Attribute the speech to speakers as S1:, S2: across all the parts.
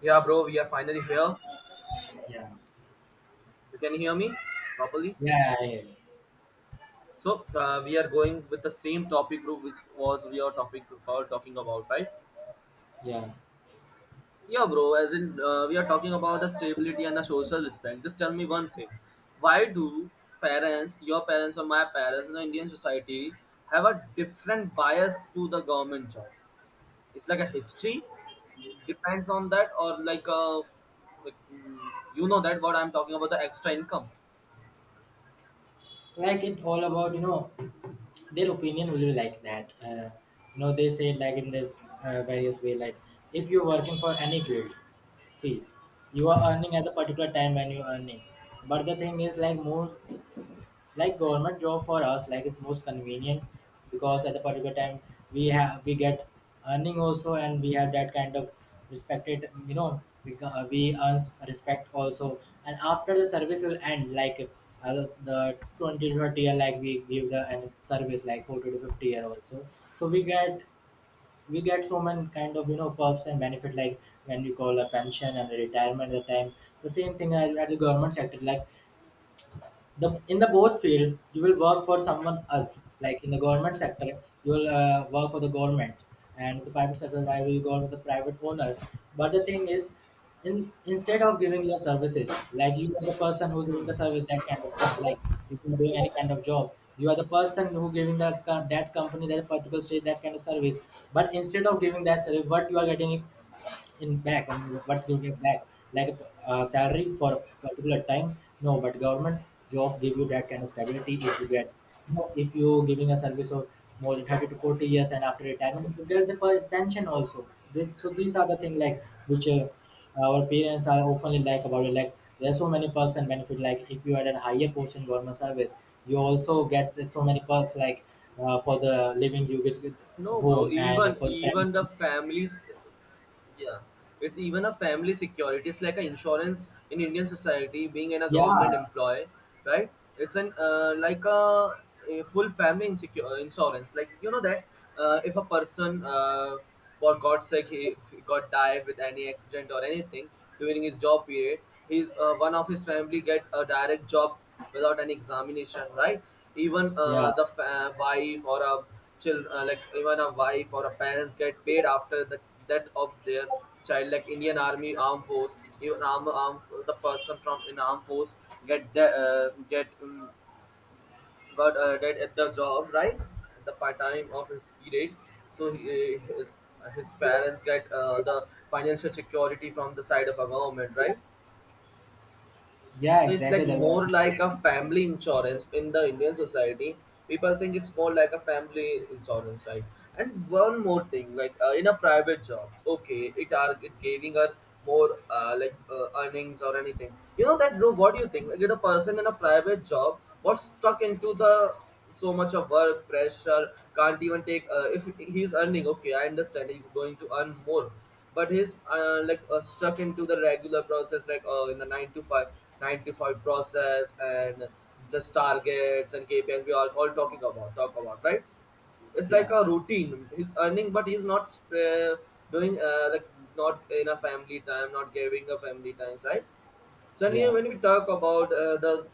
S1: Yeah, bro, we are finally here.
S2: Yeah,
S1: You can hear me properly.
S2: yeah, yeah,
S1: So we are going with the same topic, bro, which was we are topic about talking about, right?
S2: yeah.
S1: Yeah, bro. As in, we are talking about the stability and the social respect. Just tell me one thing: why do parents, your parents or my parents in the Indian society, have a different bias to the government jobs? It's like a history depends on that, or like a like mm, you know that what I'm talking about the extra income.
S2: Like it all about their opinion will be like that. You know they say it like in this various way. Like if you're working for any field, see, you are earning at a particular time when you're earning. But the thing is like more like government job for us like it's most convenient because at the particular time we get earning also, and we have that kind of respected, you know, we earn respect also. And after the service will end like the 20 to 30 year, like we give the and service like 40 to 50 year also, so we get so many kind of, you know, perks and benefit like when we call a pension and a retirement at the time. The same thing at the government sector, like the in the both field you will work for someone else. Like in the government sector you will work for the government, and the private sector I will go with the private owner. But the thing is in instead of giving your services, like you are the person who giving
S1: Hmm.
S2: the service that kind of thing. Like if you're doing any kind of job, you are the person who giving the that company, that particular state, that kind of service. But instead of giving that service, what you are getting in back, I mean, what you get back, like a salary for a particular time. No, but government job give you that kind of stability if you get. No, if you giving a service of more than 30 to 40 years, and after retirement if you get the pension also. So these are the thing like which our parents are often like about it. Like there are so many perks and benefit like, if you are at a higher portion government service, you also so many perks like for the living you get with
S1: No,
S2: home
S1: bro.
S2: and
S1: Even
S2: for the traveling.
S1: even the families, yeah, it's even a family security. It's like an insurance in Indian society. Being in a government
S2: yeah
S1: employee, right? It's an like a full family insecure insurance. Like you know that if a person, for God's sake, he if he got died with any accident or anything during his job period, his one of his family get a direct job without any examination, right? Even
S2: yeah
S1: wife or a child like even a wife or a parents get paid after the death of their child, like Indian army armed force, even arm, arm the person from in armed force get de- get got dead at the job, right? At the part time of his period, so he, his parents get the financial security from the side of a government, right?
S2: Yeah,
S1: So it's
S2: exactly.
S1: like
S2: That will
S1: more
S2: absolutely
S1: like a
S2: agree.
S1: family insurance in the Indian society. People think it's more like a family insurance, right? And one more thing, like in a private jobs, okay, it are it giving her more like earnings or anything. You know that, bro. What do you think? Like, in a person in a private job, what's stuck into the so much of work pressure, can't even take. If he's earning, okay, I understand he's going to earn more, but he's like stuck into the regular process like in the 9 to 5, process and just targets and kpis we are all talk about, right? It's like
S2: Yeah,
S1: a routine, he's earning but he's not uh, doing like not enough family time, not giving the family times, right? Chania,
S2: yeah,
S1: when we talk about the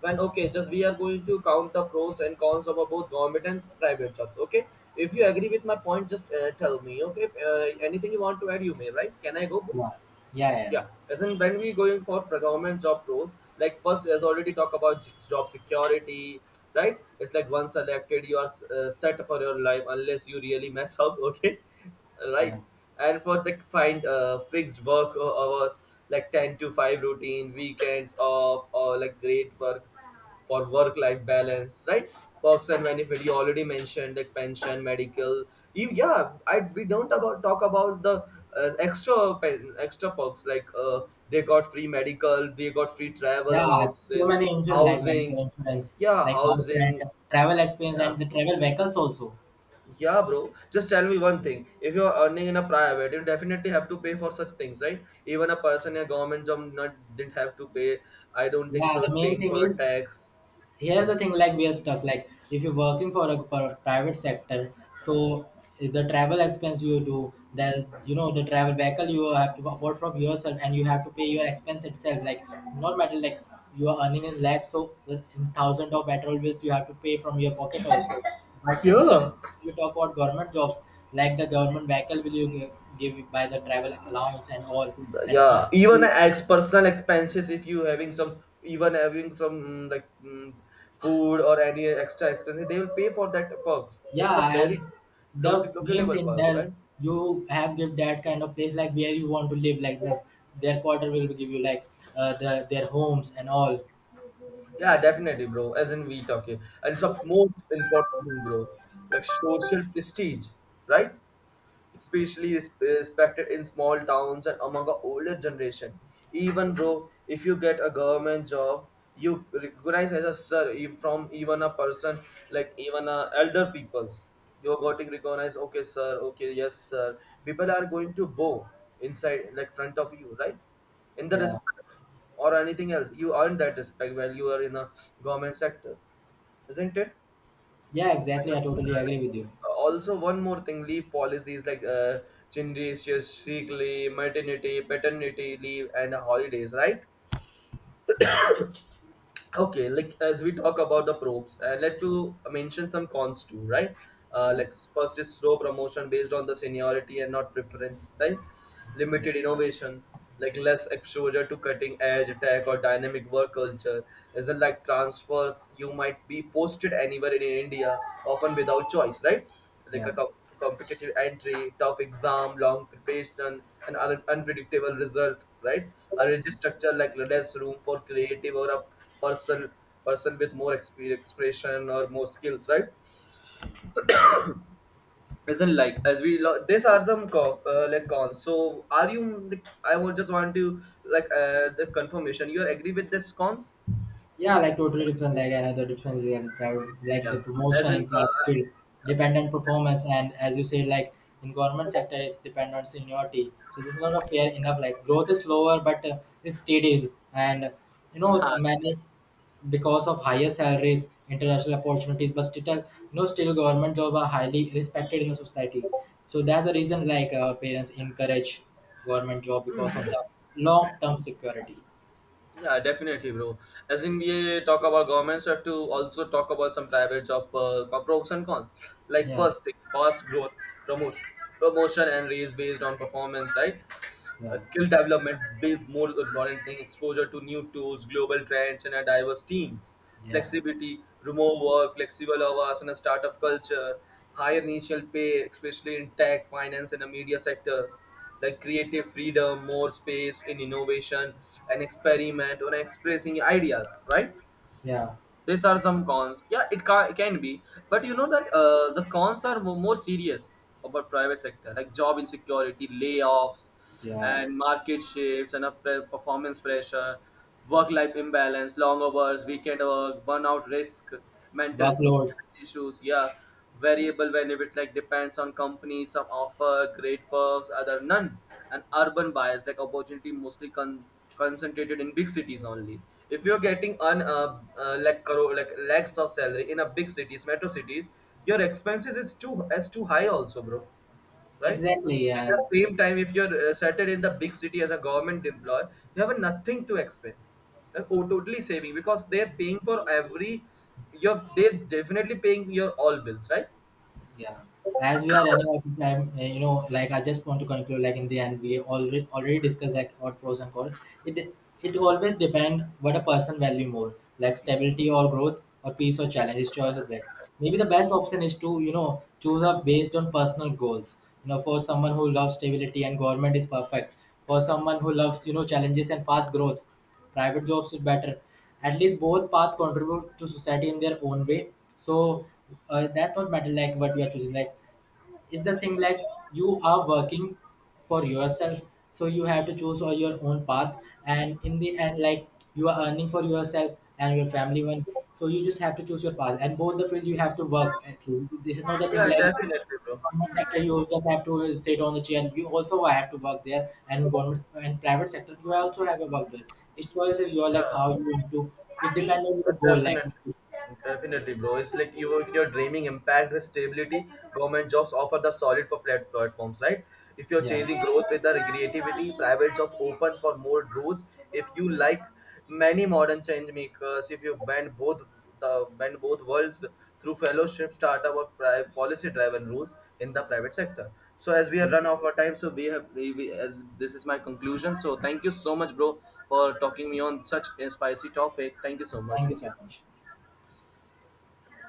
S1: when okay, just we are going to count the pros and cons of both government and private jobs. Okay, if you agree with my point, just tell me. Okay, if, anything you want to add, you may. Right? Can I go? Boo?
S2: yeah, yeah, yeah,
S1: Yeah, as in when we going for government job roles, like first as already talk about job security, right? It's like once selected, you are set for your life unless you really mess up. Okay,
S2: yeah.
S1: right? And for the find fixed work hours like 10 to 5 routine, weekends off, or like great work for work-life balance, right? Perks and benefit. You already mentioned like pension, medical. You, yeah, I we don't about talk about the extra perks like they got free medical, they got free travel
S2: Yeah, so
S1: allowances,
S2: many insurance like medical
S1: housing.
S2: insurance,
S1: Yeah,
S2: like house
S1: housing.
S2: rent, travel expense,
S1: Yeah.
S2: and the travel vehicles also.
S1: Yeah, bro. Just tell me one thing. If you're earning in a private, you definitely have to pay for such things, right? Even a person in a government job not didn't have to pay. I don't think
S2: Yeah,
S1: so.
S2: the main
S1: Paying
S2: thing
S1: for
S2: is,
S1: a tax.
S2: here's the thing, like we are stuck. Like if you're working for a private sector, so the travel expense you do, the the travel vehicle you have to afford from yourself, and you have to pay your expense itself. Like not matter like you are earning in lakhs, so in thousands of petrol bills you have to pay from your pocket also. But instead
S1: Yeah.
S2: we talk about government jobs, like the government vehicle will give by the travel allowance and all.
S1: Yeah, even ex personal expenses, if you having some, even having some like food or any extra expenses, they will pay for that perks,
S2: Yeah,
S1: it's a very
S2: and
S1: low
S2: the
S1: local
S2: main
S1: level
S2: thing
S1: perk,
S2: that
S1: right?
S2: you have give that kind of place like where you want to live, like this, their quarter will give you like the their homes and all.
S1: Yeah, definitely, bro, as in we talk here and it's a most important thing, bro, like social prestige, right? Especially is respected in small towns and among the older generation. Even though if you get a government job, you recognize as a sir from even a person like even a elder peoples. You're getting recognized, okay, sir, okay, yes, sir. People are going to bow inside, like front of you, right? In the
S2: Yeah,
S1: respect or anything else, you earn that respect while you are in a government sector, isn't it?
S2: yeah, exactly. I totally agree with you.
S1: Like, also one more thing, leave policies like generatious sick leave, maternity paternity leave and holidays, right? Okay, like as we talk about the probes and let to mention some cons too, right?
S2: Yeah,
S1: Like, first is slow promotion based on the seniority and not preference, right?
S2: yeah,
S1: Limited innovation, like less exposure to cutting edge tech or dynamic work culture, isn't like transfers, you might be posted anywhere in India often without choice, right? Like
S2: yeah,
S1: a company competitive entry, tough exam, long preparation, and unpredictable result, right? A rigid structure, like less room for creative or a person person with more expression or more skills, right? Isn't like as we these are the like cons. So are you? Like, I would just want to like the confirmation. You are agree with this cons?
S2: yeah. Like totally different, like another difference is in private- like the
S1: Yeah. As
S2: promotion
S1: in,
S2: in private field, dependent performance, and as you said, like in government sector, it's dependent on seniority. So this is not a fair enough. Like growth is slower, but it's steady, and the
S1: Ha.
S2: many because of higher salaries, international opportunities, but still, no, still government job are highly respected in the society. So that's the reason like parents encourage government job because of the long term security.
S1: Yeah, definitely, bro. As in, we talk about governments, we have to also talk about some private job pros and cons. Like
S2: Yeah,
S1: first, thing, fast growth, promotion, promotion and raise based on performance, right?
S2: yeah,
S1: Skill development, big, more important thing, exposure to new tools, global trends, and a diverse teams,
S2: yeah,
S1: flexibility, remote work, flexible hours, and a startup culture, higher initial pay, especially in tech, finance, and the media sectors, like creative freedom, more space in innovation and experiment on expressing ideas, right?
S2: yeah,
S1: These are some cons. Yeah, it can be, but you know that the cons are more serious about private sector, like job insecurity, layoffs,
S2: yeah.
S1: and market shifts, and performance pressure, work-life imbalance, long hours, weekend work, burnout risk, mental
S2: Workload.
S1: issues. Yeah, variable benefit like depends on companies. Some offer great perks, other none. And urban bias like opportunity mostly concentrated in big cities only. If you're getting un like crore like lakhs of salary in a big cities, metro cities, your expenses is too high also, bro, right?
S2: Exactly.
S1: At
S2: Yeah.
S1: the same time, if you're settled in the big city as a government employee, you have nothing to expense. Like, oh, totally saving because they're paying for every. You're they're definitely paying your all bills, right?
S2: Yeah. As we are running out of time, you know, like I just want to conclude, like in the end, we already discussed like what pros and cons. It it always depend what a person value more, like stability or growth or peace or challenge. His choice is there. Maybe the best option is to, choose up based on personal goals. You know, for someone who loves stability, and government is perfect. For someone who loves, challenges and fast growth, private jobs are better. At least both path contribute to society in their own way. So that's not matter like what we are choosing. Like is the thing like you are working for yourself, so you have to choose all your own path. And in the end, like, you are earning for yourself and your family one. So you just have to choose your path, and both the field you have to work at. This is not the thing
S1: Yeah,
S2: like
S1: definitely, bro.
S2: government sector you just have to sit on the chair. You also have to work there, and government and private sector you also have a work there. Its choice is your, like
S1: Yeah,
S2: how you want to, it depends on your
S1: but
S2: goal, like,
S1: definitely. Definitely, bro. It's like you, if you're dreaming impact with stability, government jobs offer the solid for platforms, right? If you're
S2: yeah.
S1: chasing growth with the creativity, private jobs open for more doors. If you like many modern change makers, if you blend both the bend both worlds through fellowship, startup, or policy-driven rules in the private sector. So as we
S2: So
S1: have run out of our time, so we have as this is my conclusion. So thank you so much, bro, for talking me on such a spicy topic. Thank you so much,
S2: thank you so
S1: Ankit.
S2: much